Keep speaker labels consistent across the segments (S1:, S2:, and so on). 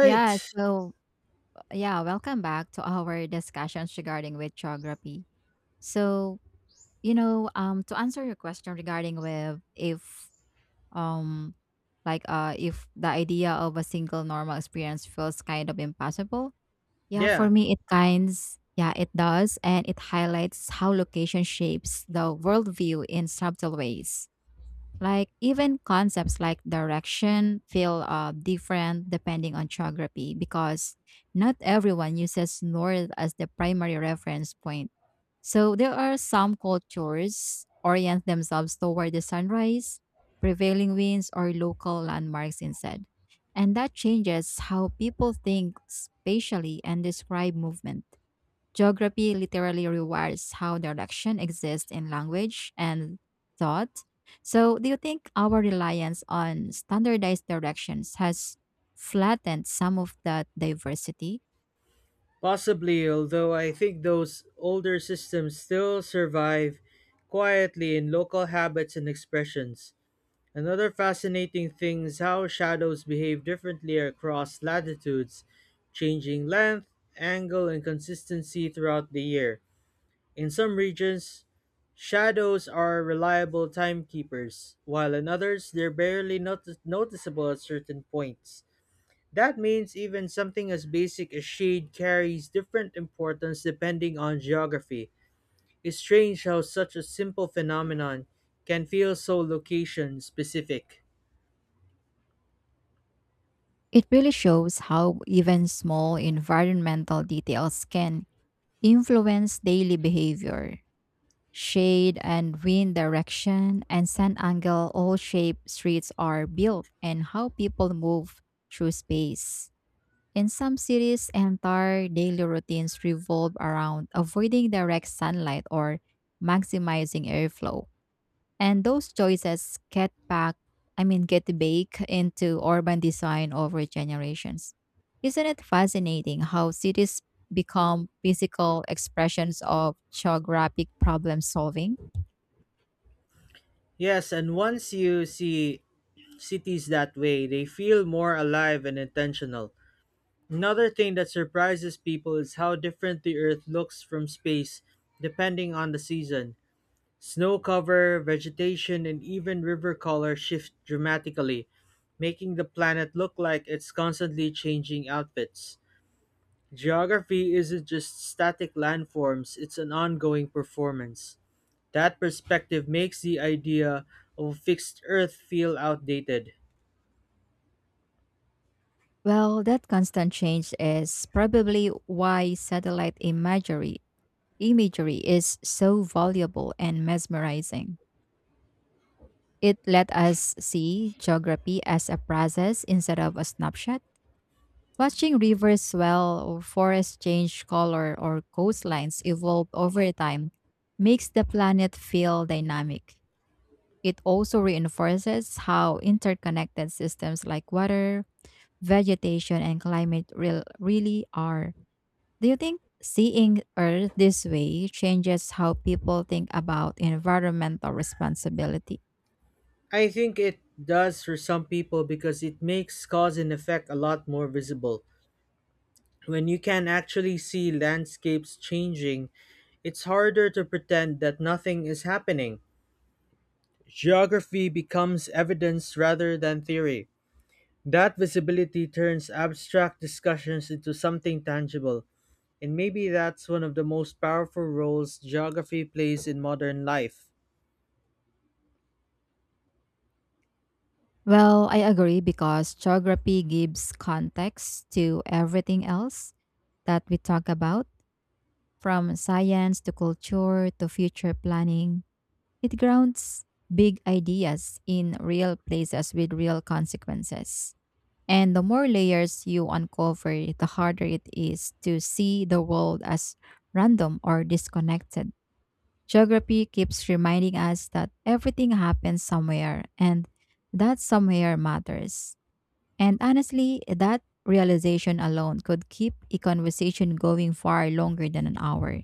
S1: Yeah, so yeah, Welcome back to our discussions regarding with geography. So, to answer your question regarding with um if the idea of a single normal experience feels kind of impossible, yeah, for
S2: Yeah.
S1: me it kinds yeah, it does, and it highlights how location shapes the worldview in subtle ways. Like even concepts like direction feel different depending on geography, because not everyone uses north as the primary reference point. So there are some cultures orient themselves toward the sunrise, prevailing winds, or local landmarks instead. And that changes how people think spatially and describe movement. Geography literally rewires how direction exists in language and thought. So, do you think our reliance on standardized directions has flattened some of that diversity?
S2: Possibly, although I think those older systems still survive quietly in local habits and expressions. Another fascinating thing is how shadows behave differently across latitudes, changing length, angle, and consistency throughout the year. In some regions, shadows are reliable timekeepers, while in others, they're barely noticeable at certain points. That means even something as basic as shade carries different importance depending on geography. It's strange how such a simple phenomenon can feel so location specific.
S1: It really shows how even small environmental details can influence daily behavior. Shade and wind direction and sun angle all shape streets are built and how people move through space. In some cities, entire daily routines revolve around avoiding direct sunlight or maximizing airflow. And those choices get back, I mean, get baked into urban design over generations. Isn't it fascinating how cities become physical expressions of geographic problem solving?
S2: Yes, and once you see cities that way, they feel more alive and intentional. Another thing that surprises people is how different the earth looks from space depending on the season. Snow cover, vegetation, and even river color shift dramatically, making the planet look like it's constantly changing outfits. Geography isn't just static landforms, it's an ongoing performance. That perspective makes the idea of a fixed Earth feel outdated.
S1: Well, that constant change is probably why satellite imagery is so valuable and mesmerizing. It let us see geography as a process instead of a snapshot. Watching rivers swell or forests change color or coastlines evolve over time makes the planet feel dynamic. It also reinforces how interconnected systems like water, vegetation, and climate really are. Do you think seeing Earth this way changes how people think about environmental responsibility?
S2: I think it does for some people because it makes cause and effect a lot more visible. When you can actually see landscapes changing, it's harder to pretend that nothing is happening. Geography becomes evidence rather than theory. That visibility turns abstract discussions into something tangible, and maybe that's one of the most powerful roles geography plays in modern life.
S1: Well, I agree because geography gives context to everything else that we talk about, from science to culture to future planning. It grounds big ideas in real places with real consequences. And the more layers you uncover, the harder it is to see the world as random or disconnected. Geography keeps reminding us that everything happens somewhere and that somewhere matters. And honestly, that realization alone could keep a conversation going far longer than an hour.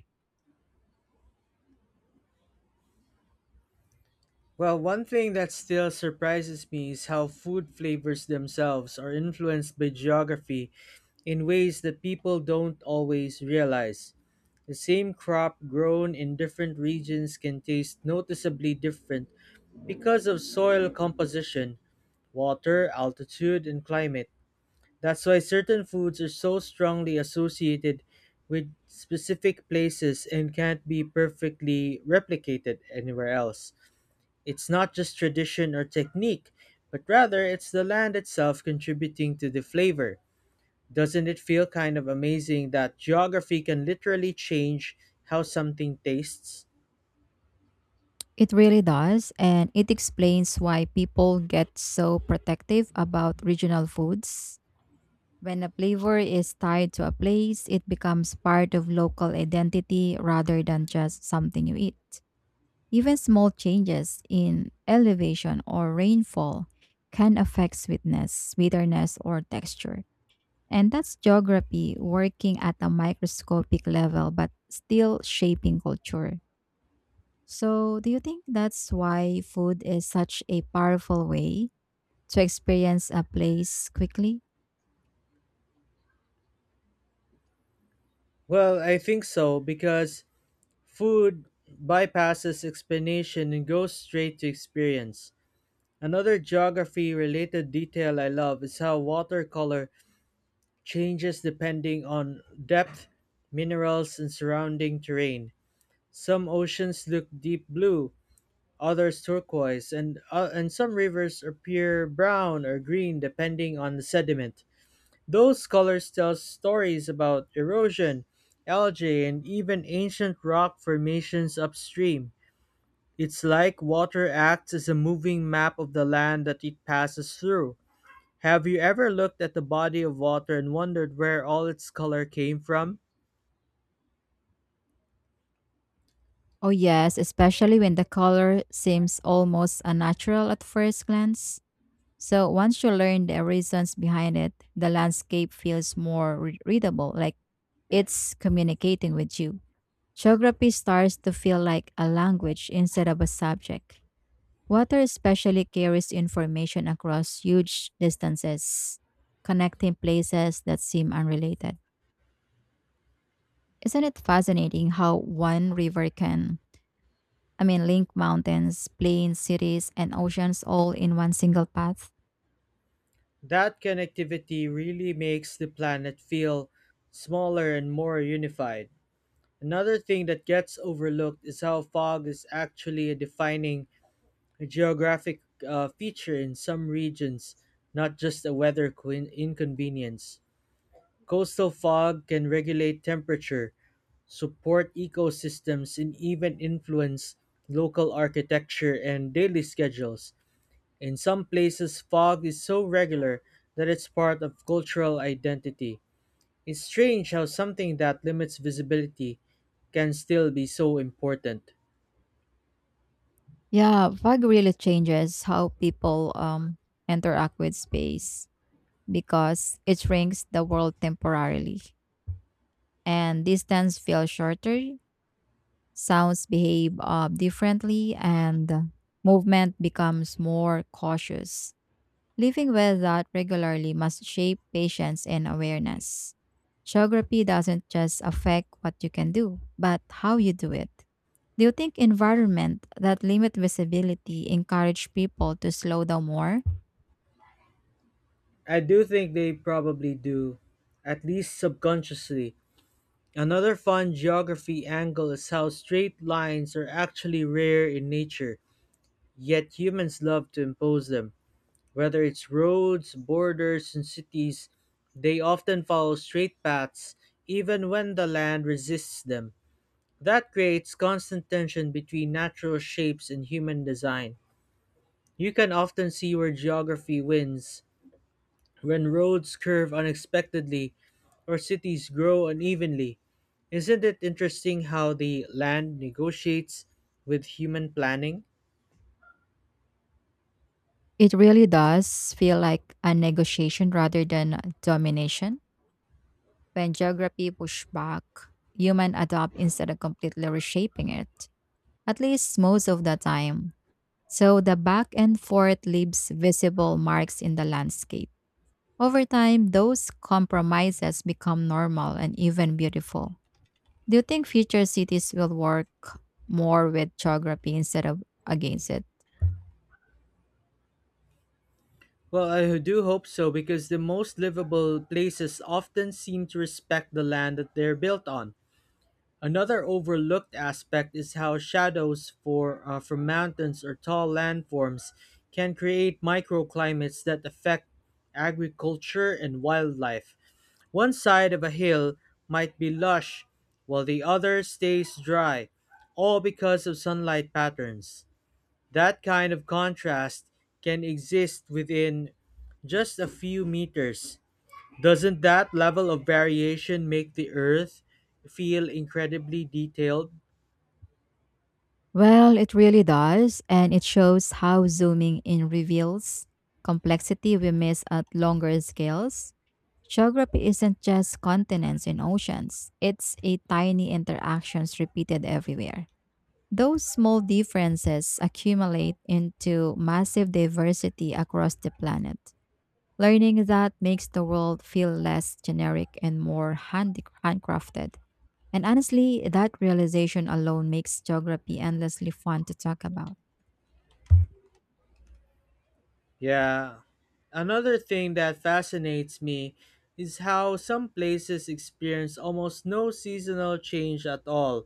S2: Well, one thing that still surprises me is how food flavors themselves are influenced by geography in ways that people don't always realize. The same crop grown in different regions can taste noticeably different because of soil composition, water, altitude, and climate. That's why certain foods are so strongly associated with specific places and can't be perfectly replicated anywhere else. It's not just tradition or technique, but rather it's the land itself contributing to the flavor. Doesn't it feel kind of amazing that geography can literally change how something tastes?
S1: It really does, and it explains why people get so protective about regional foods. When a flavor is tied to a place, it becomes part of local identity rather than just something you eat. Even small changes in elevation or rainfall can affect sweetness, bitterness, or texture. And that's geography, working at a microscopic level, but still shaping culture. So, do you think that's why food is such a powerful way to experience a place quickly?
S2: Well, I think so because food bypasses explanation and goes straight to experience. Another geography related detail I love is how watercolor changes depending on depth, minerals, and surrounding terrain. Some oceans look deep blue, others turquoise, and some rivers appear brown or green depending on the sediment. Those colors tell stories about erosion, algae, and even ancient rock formations upstream. It's like water acts as a moving map of the land that it passes through. Have you ever looked at the body of water and wondered where all its color came from?
S1: Oh, yes, especially when the color seems almost unnatural at first glance. So, once you learn the reasons behind it, the landscape feels more readable, like it's communicating with you. Geography starts to feel like a language instead of a subject. Water especially carries information across huge distances, connecting places that seem unrelated. Isn't it fascinating how one river can link mountains, plains, cities, and oceans all in one single path?
S2: That connectivity really makes the planet feel smaller and more unified. Another thing that gets overlooked is how fog is actually a defining geographic feature in some regions, not just a weather coin inconvenience. Coastal fog can regulate temperature, support ecosystems, and even influence local architecture and daily schedules. In some places, fog is so regular that it's part of cultural identity. It's strange how something that limits visibility can still be so important.
S1: Yeah, fog really changes how people interact with space, because it shrinks the world temporarily, and distance feels shorter, sounds behave differently, and movement becomes more cautious. Living with that regularly must shape patience and awareness. Geography doesn't just affect what you can do, but how you do it. Do you think environment that limit visibility encourage people to slow down more?
S2: I do think they probably do, at least subconsciously. Another fun geography angle is how straight lines are actually rare in nature, yet humans love to impose them. Whether it's roads, borders, and cities, they often follow straight paths even when the land resists them. That creates constant tension between natural shapes and human design. You can often see where geography wins when roads curve unexpectedly or cities grow unevenly. Isn't it interesting how the land negotiates with human planning?
S1: It really does feel like a negotiation rather than a domination. When geography push back, human adopt instead of completely reshaping it, at least most of the time. So the back and forth leaves visible marks in the landscape. Over time, those compromises become normal and even beautiful. Do you think future cities will work more with geography instead of against it?
S2: Well, I do hope so because the most livable places often seem to respect the land that they're built on. Another overlooked aspect is how shadows from mountains or tall landforms can create microclimates that affect agriculture and wildlife. One side of a hill might be lush, while the other stays dry, all because of sunlight patterns. That kind of contrast can exist within just a few meters. Doesn't that level of variation make the Earth feel incredibly detailed?
S1: Well, it really does, and it shows how zooming in reveals complexity we miss at longer scales. Geography isn't just continents and oceans, it's a tiny interactions repeated everywhere. Those small differences accumulate into massive diversity across the planet. Learning that makes the world feel less generic and more handcrafted. And honestly, that realization alone makes geography endlessly fun to talk about.
S2: Yeah. Another thing that fascinates me is how some places experience almost no seasonal change at all,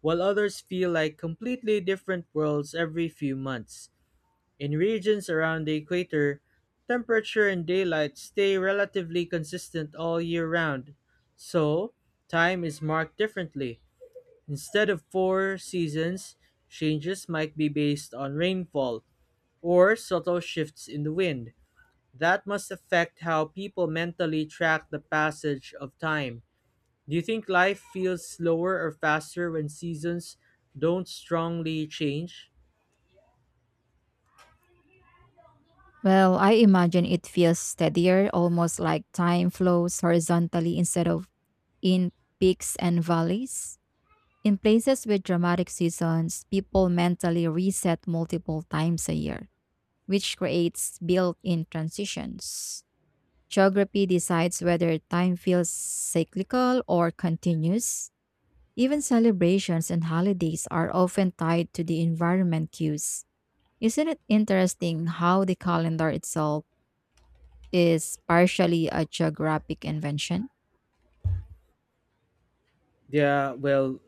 S2: while others feel like completely different worlds every few months. In regions around the equator, temperature and daylight stay relatively consistent all year round, so time is marked differently. Instead of four seasons, changes might be based on rainfall or subtle shifts in the wind. That must affect how people mentally track the passage of time. Do you think life feels slower or faster when seasons don't strongly change?
S1: Well, I imagine it feels steadier, almost like time flows horizontally instead of in peaks and valleys. In places with dramatic seasons, people mentally reset multiple times a year, which creates built in transitions. Geography decides whether time feels cyclical or continuous. Even celebrations and holidays are often tied to the environment cues. Isn't it interesting how the calendar itself is partially a geographic invention?
S2: Yeah, well,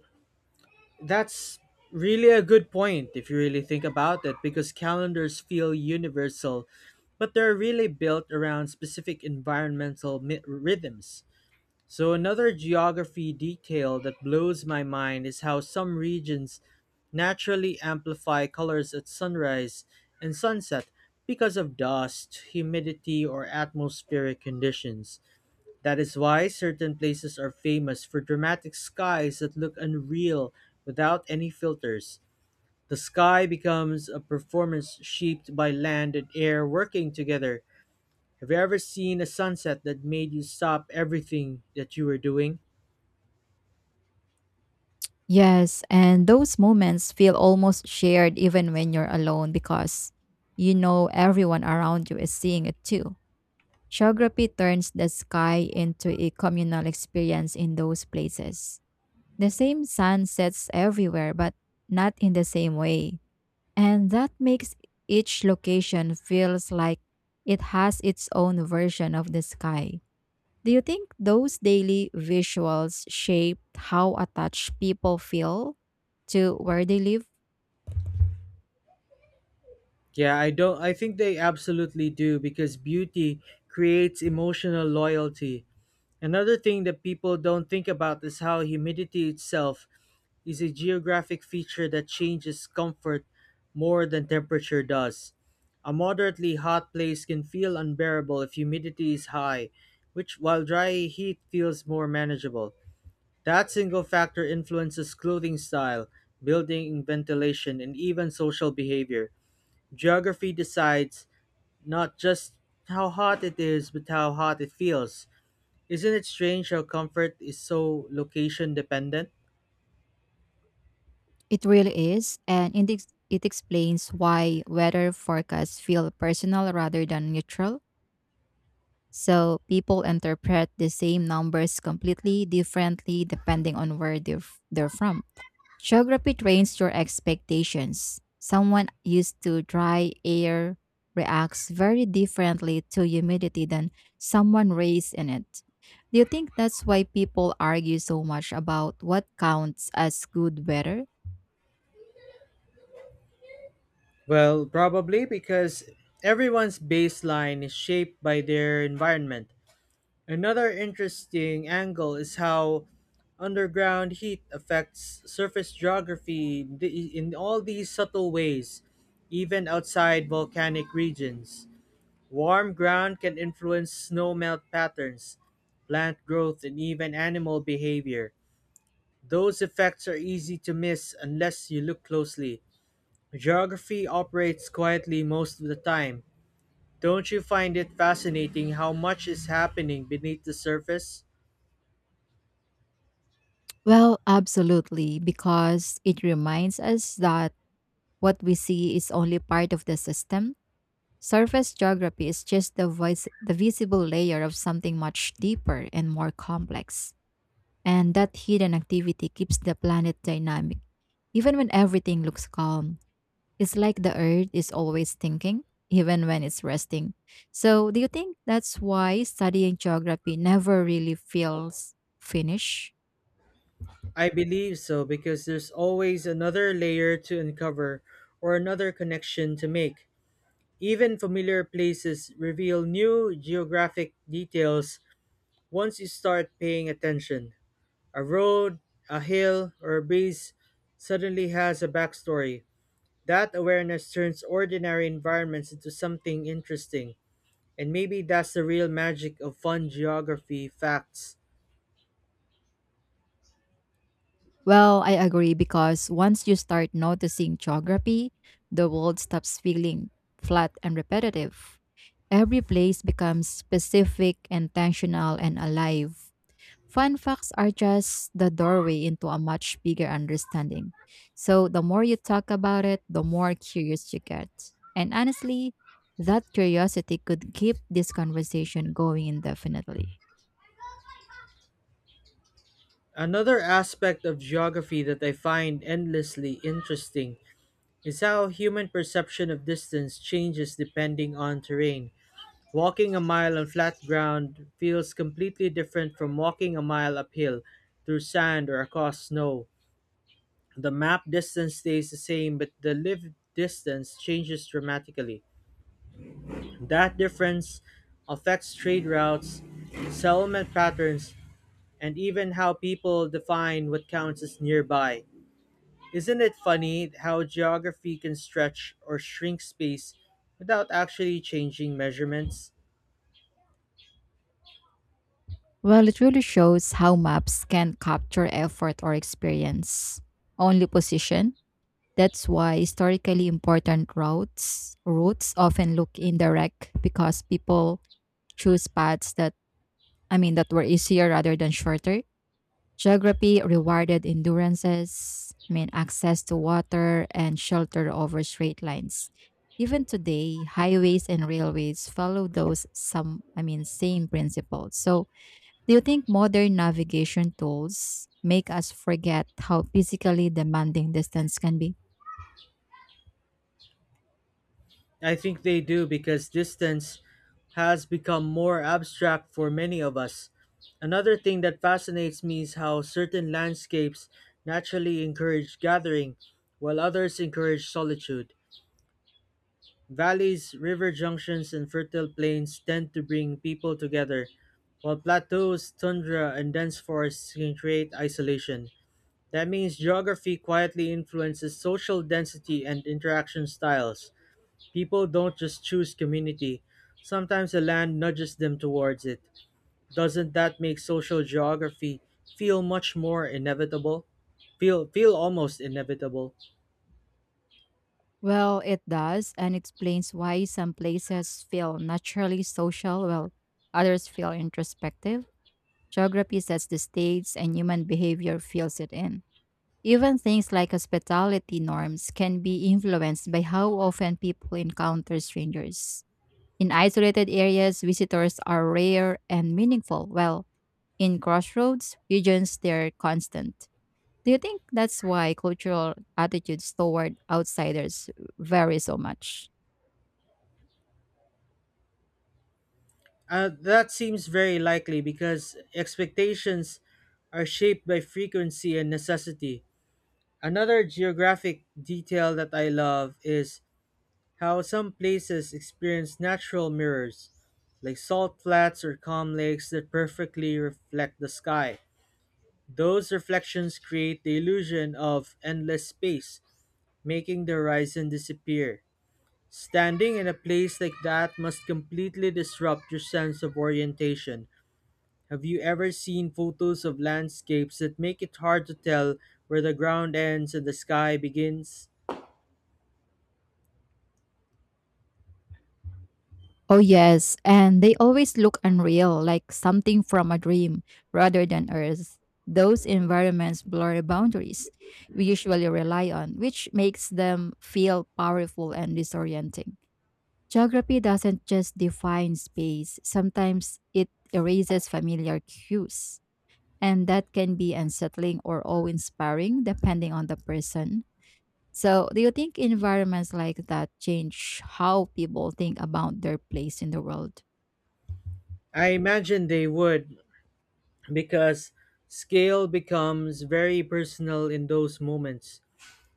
S2: that's really a good point if you really think about it because calendars feel universal, but they're really built around specific environmental rhythms. So, another geography detail that blows my mind is how some regions naturally amplify colors at sunrise and sunset because of dust, humidity, or atmospheric conditions. That is why certain places are famous for dramatic skies that look unreal without any filters. The sky becomes a performance shaped by land and air working together. Have you ever seen a sunset that made you stop everything that you were doing?
S1: Yes, and those moments feel almost shared even when you're alone, because you know everyone around you is seeing it too. Geography turns the sky into a communal experience in those places. The same sun sets everywhere, but not in the same way. And that makes each location feels like it has its own version of the sky. Do you think those daily visuals shape how attached people feel to where they live?
S2: Yeah, I don't I think they absolutely do because beauty creates emotional loyalty. Another thing that people don't think about is how humidity itself is a geographic feature that changes comfort more than temperature does. A moderately hot place can feel unbearable if humidity is high, which while dry heat feels more manageable. That single factor influences clothing style, building ventilation, and even social behavior. Geography decides not just how hot it is, but how hot it feels. Isn't it strange how comfort is so location dependent?
S1: It really is, and it explains why weather forecasts feel personal rather than neutral. So people interpret the same numbers completely differently depending on where they're from. Geography trains your expectations. Someone used to dry air reacts very differently to humidity than someone raised in it. Do you think that's why people argue so much about what counts as good weather?
S2: Well, probably because everyone's baseline is shaped by their environment. Another interesting angle is how underground heat affects surface geography in all these subtle ways, even outside volcanic regions. Warm ground can influence snowmelt patterns, plant growth, and even animal behavior. Those effects are easy to miss unless you look closely. Geography operates quietly most of the time. Don't you find it fascinating how much is happening beneath the surface?
S1: Well, absolutely, because it reminds us that what we see is only part of the system. Surface geography is just the visible layer of something much deeper and more complex. And that hidden activity keeps the planet dynamic, even when everything looks calm. It's like the earth is always thinking, even when it's resting. So, do you think that's why studying geography never really feels finished?
S2: I believe so because there's always another layer to uncover or another connection to make. Even familiar places reveal new geographic details. Once you start paying attention, a road, a hill, or a breeze suddenly has a backstory. That awareness turns ordinary environments into something interesting, and maybe that's the real magic of fun geography facts.
S1: Well, I agree, because once you start noticing geography, the world stops feeling flat and repetitive. Every place becomes specific, intentional, and alive. Fun facts are just the doorway into a much bigger understanding. So, the more you talk about it, the more curious you get. And honestly, that curiosity could keep this conversation going indefinitely.
S2: Another aspect of geography that I find endlessly interesting is how human perception of distance changes depending on terrain. Walking a mile on flat ground feels completely different from walking a mile uphill through sand or across snow. The map distance stays the same, but the lived distance changes dramatically. That difference affects trade routes, settlement patterns, and even how people define what counts as nearby. Isn't it funny how geography can stretch or shrink space without actually changing measurements?
S1: Well, it really shows how maps can capture effort or experience, only position. That's why historically important routes often look indirect, because people choose paths that I mean that were easier rather than shorter. Geography rewarded access to water and shelter over straight lines. Even today, highways and railways follow those same principles. So, do you think modern navigation tools make us forget how physically demanding distance can be?
S2: I think they do because distance has become more abstract for many of us. Another thing that fascinates me is how certain landscapes naturally encourage gathering, while others encourage solitude. Valleys, river junctions, and fertile plains tend to bring people together, while plateaus, tundra, and dense forests can create isolation. That means geography quietly influences social density and interaction styles. People don't just choose community. Sometimes the land nudges them towards it. Doesn't that make social geography feel much more inevitable? Feel almost inevitable.
S1: Well, it does, and explains why some places feel naturally social while others feel introspective. Geography sets the states, and human behavior fills it in. Even things like hospitality norms can be influenced by how often people encounter strangers. In isolated areas, visitors are rare and meaningful, while in crossroads regions, they're constant. Do you think that's why cultural attitudes toward outsiders vary so much?
S2: That seems very likely because expectations are shaped by frequency and necessity. Another geographic detail that I love is how some places experience natural mirrors, like salt flats or calm lakes that perfectly reflect the sky. Those reflections create the illusion of endless space, making the horizon disappear. Standing in a place like that must completely disrupt your sense of orientation. Have you ever seen photos of landscapes that make it hard to tell where the ground ends and the sky begins?
S1: Oh, yes. And they always look unreal, like something from a dream rather than Earth. Those environments blur boundaries we usually rely on, which makes them feel powerful and disorienting. Geography doesn't just define space, sometimes it erases familiar cues. And that can be unsettling or awe inspiring depending on the person. So, do you think environments like that change how people think about their place in the world?
S2: I imagine they would, because scale becomes very personal in those moments.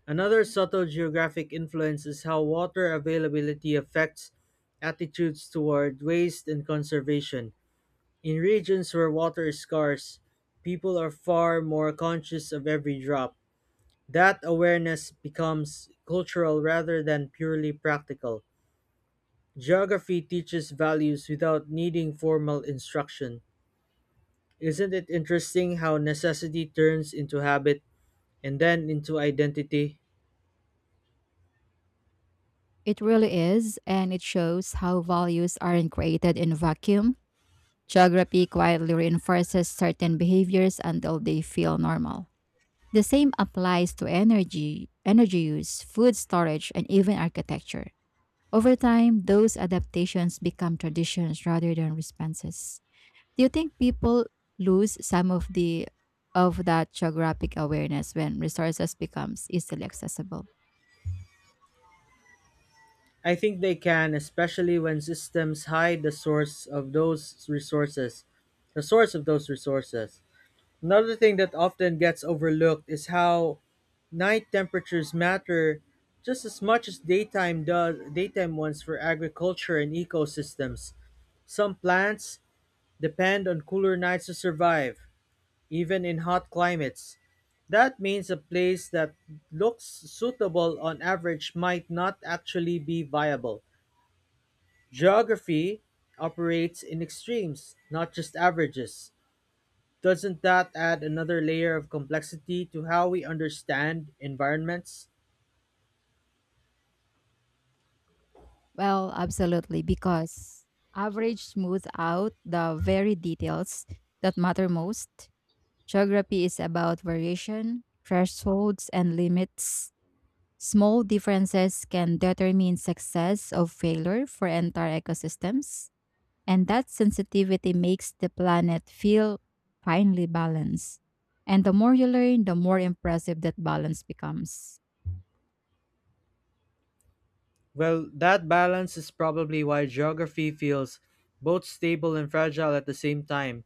S2: Another subtle geographic influence is how water availability affects attitudes toward waste and conservation. In regions where water is scarce, people are far more conscious of every drop. That awareness becomes cultural rather than purely practical. Geography teaches values without needing formal instruction. Isn't it interesting how necessity turns into habit and then into identity?
S1: It really is, and it shows how values aren't created in a vacuum. Geography quietly reinforces certain behaviors until they feel normal. The same applies to energy use, food storage, and even architecture. Over time, those adaptations become traditions rather than responses. Do you think people lose some of that geographic awareness when resources becomes easily accessible?
S2: I think they can, especially when systems hide the source of those resources. The source of those resources. Another thing that often gets overlooked is how night temperatures matter just as much as daytime ones for agriculture and ecosystems. Some plants depend on cooler nights to survive, even in hot climates. That means a place that looks suitable on average might not actually be viable. Geography operates in extremes, not just averages. Doesn't that add another layer of complexity to how we understand environments?
S1: Well, absolutely, because average smooth out the very details that matter most. Geography is about variation, thresholds, and limits. Small differences can determine success or failure for entire ecosystems, and that sensitivity makes the planet feel finely balanced. And the more you learn, the more impressive that balance becomes.
S2: Well, that balance is probably why geography feels both stable and fragile at the same time.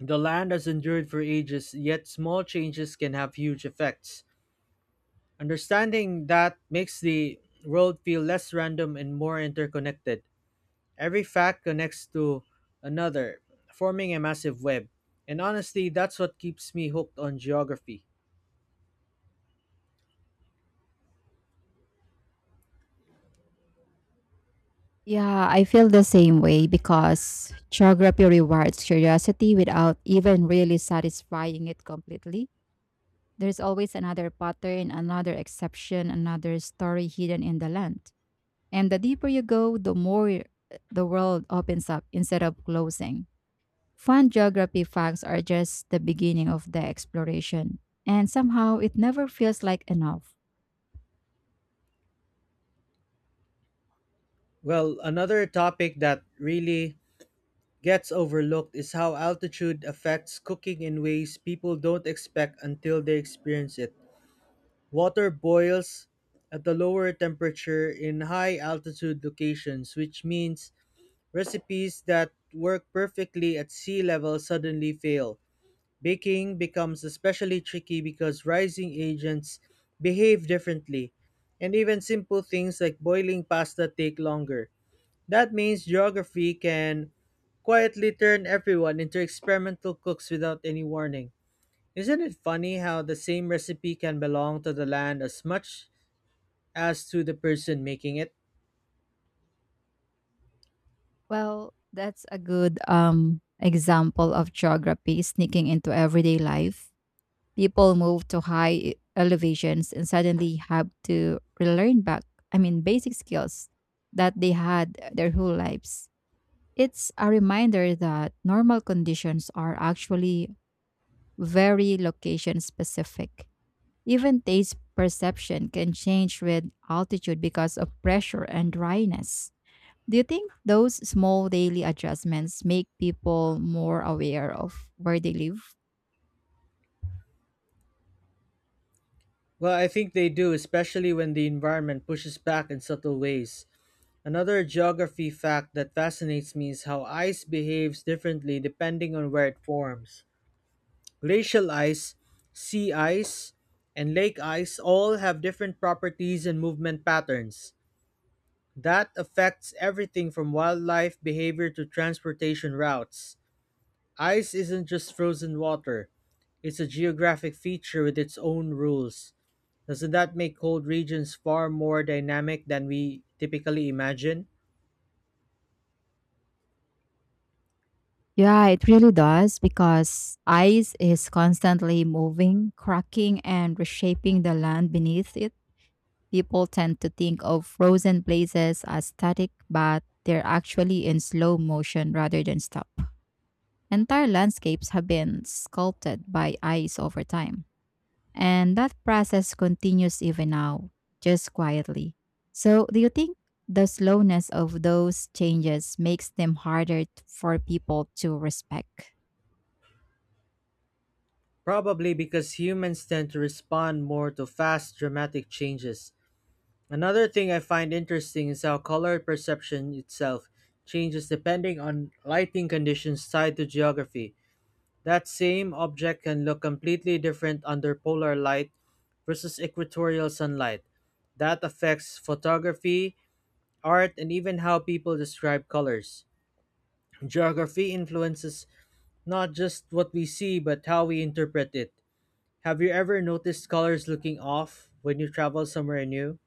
S2: The land has endured for ages, yet small changes can have huge effects. Understanding that makes the world feel less random and more interconnected. Every fact connects to another, forming a massive web. And honestly, that's what keeps me hooked on geography.
S1: Yeah, I feel the same way, because geography rewards curiosity without even really satisfying it completely. There's always another pattern, another exception, another story hidden in the land. And the deeper you go, the more the world opens up instead of closing. Fun geography facts are just the beginning of the exploration, and somehow it never feels like enough.
S2: Well, another topic that really gets overlooked is how altitude affects cooking in ways people don't expect until they experience it. Water boils at a lower temperature in high altitude locations, which means recipes that work perfectly at sea level suddenly fail. Baking becomes especially tricky because rising agents behave differently, and even simple things like boiling pasta take longer. That means geography can quietly turn everyone into experimental cooks without any warning. Isn't it funny how the same recipe can belong to the land as much as to the person making it?
S1: Well, that's a good example of geography sneaking into everyday life. People move to high elevations and suddenly have to relearn basic skills that they had their whole lives. It's a reminder that normal conditions are actually very location specific. Even taste perception can change with altitude because of pressure and dryness. Do you think those small daily adjustments make people more aware of where they live?
S2: Well, I think they do, especially when the environment pushes back in subtle ways. Another geography fact that fascinates me is how ice behaves differently depending on where it forms. Glacial ice, sea ice, and lake ice all have different properties and movement patterns. That affects everything from wildlife behavior to transportation routes. Ice isn't just frozen water, it's a geographic feature with its own rules. Doesn't that make cold regions far more dynamic than we typically imagine?
S1: Yeah, it really does, because ice is constantly moving, cracking, and reshaping the land beneath it. People tend to think of frozen places as static, but they're actually in slow motion rather than stop. Entire landscapes have been sculpted by ice over time, and that process continues even now, just quietly. So, do you think the slowness of those changes makes them harder for people to respect?
S2: Probably because humans tend to respond more to fast, dramatic changes. Another thing I find interesting is how color perception itself changes depending on lighting conditions tied to geography. That same object can look completely different under polar light versus equatorial sunlight. That affects photography, art, and even how people describe colors. Geography influences not just what we see, but how we interpret it. Have you ever noticed colors looking off when you travel somewhere new?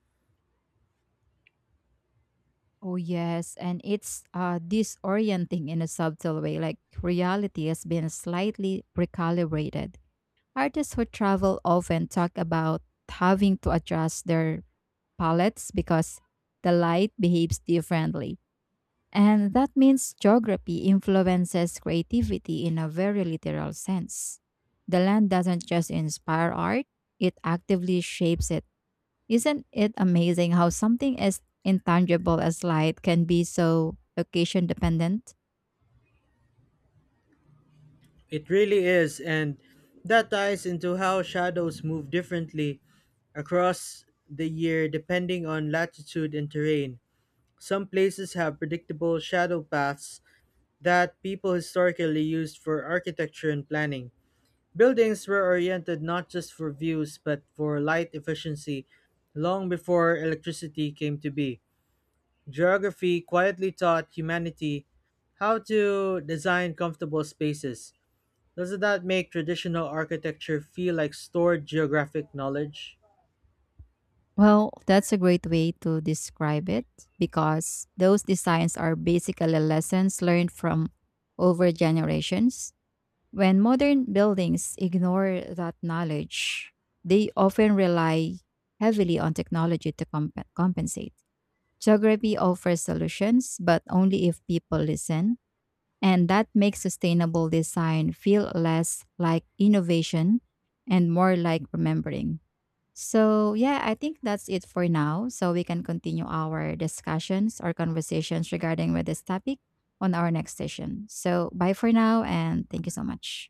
S1: Oh yes, and it's disorienting in a subtle way. Like reality has been slightly recalibrated. Artists who travel often talk about having to adjust their palettes because the light behaves differently, and that means geography influences creativity in a very literal sense. The land doesn't just inspire art; it actively shapes it. Isn't it amazing how something as intangible as light can be so occasion dependent?
S2: It really is, and that ties into how shadows move differently across the year depending on latitude and terrain. Some places have predictable shadow paths that people historically used for architecture and planning. Buildings were oriented not just for views but for light efficiency long before electricity came to be. Geography quietly taught humanity how to design comfortable spaces. Doesn't that make traditional architecture feel like stored geographic knowledge?
S1: Well, that's a great way to describe it, because those designs are basically lessons learned from over generations. When modern buildings ignore that knowledge, they often rely heavily on technology to compensate. Geography offers solutions, but only if people listen. And that makes sustainable design feel less like innovation and more like remembering. So, yeah, I think that's it for now. So, we can continue our discussions or conversations regarding with this topic on our next session. So, bye for now and thank you so much.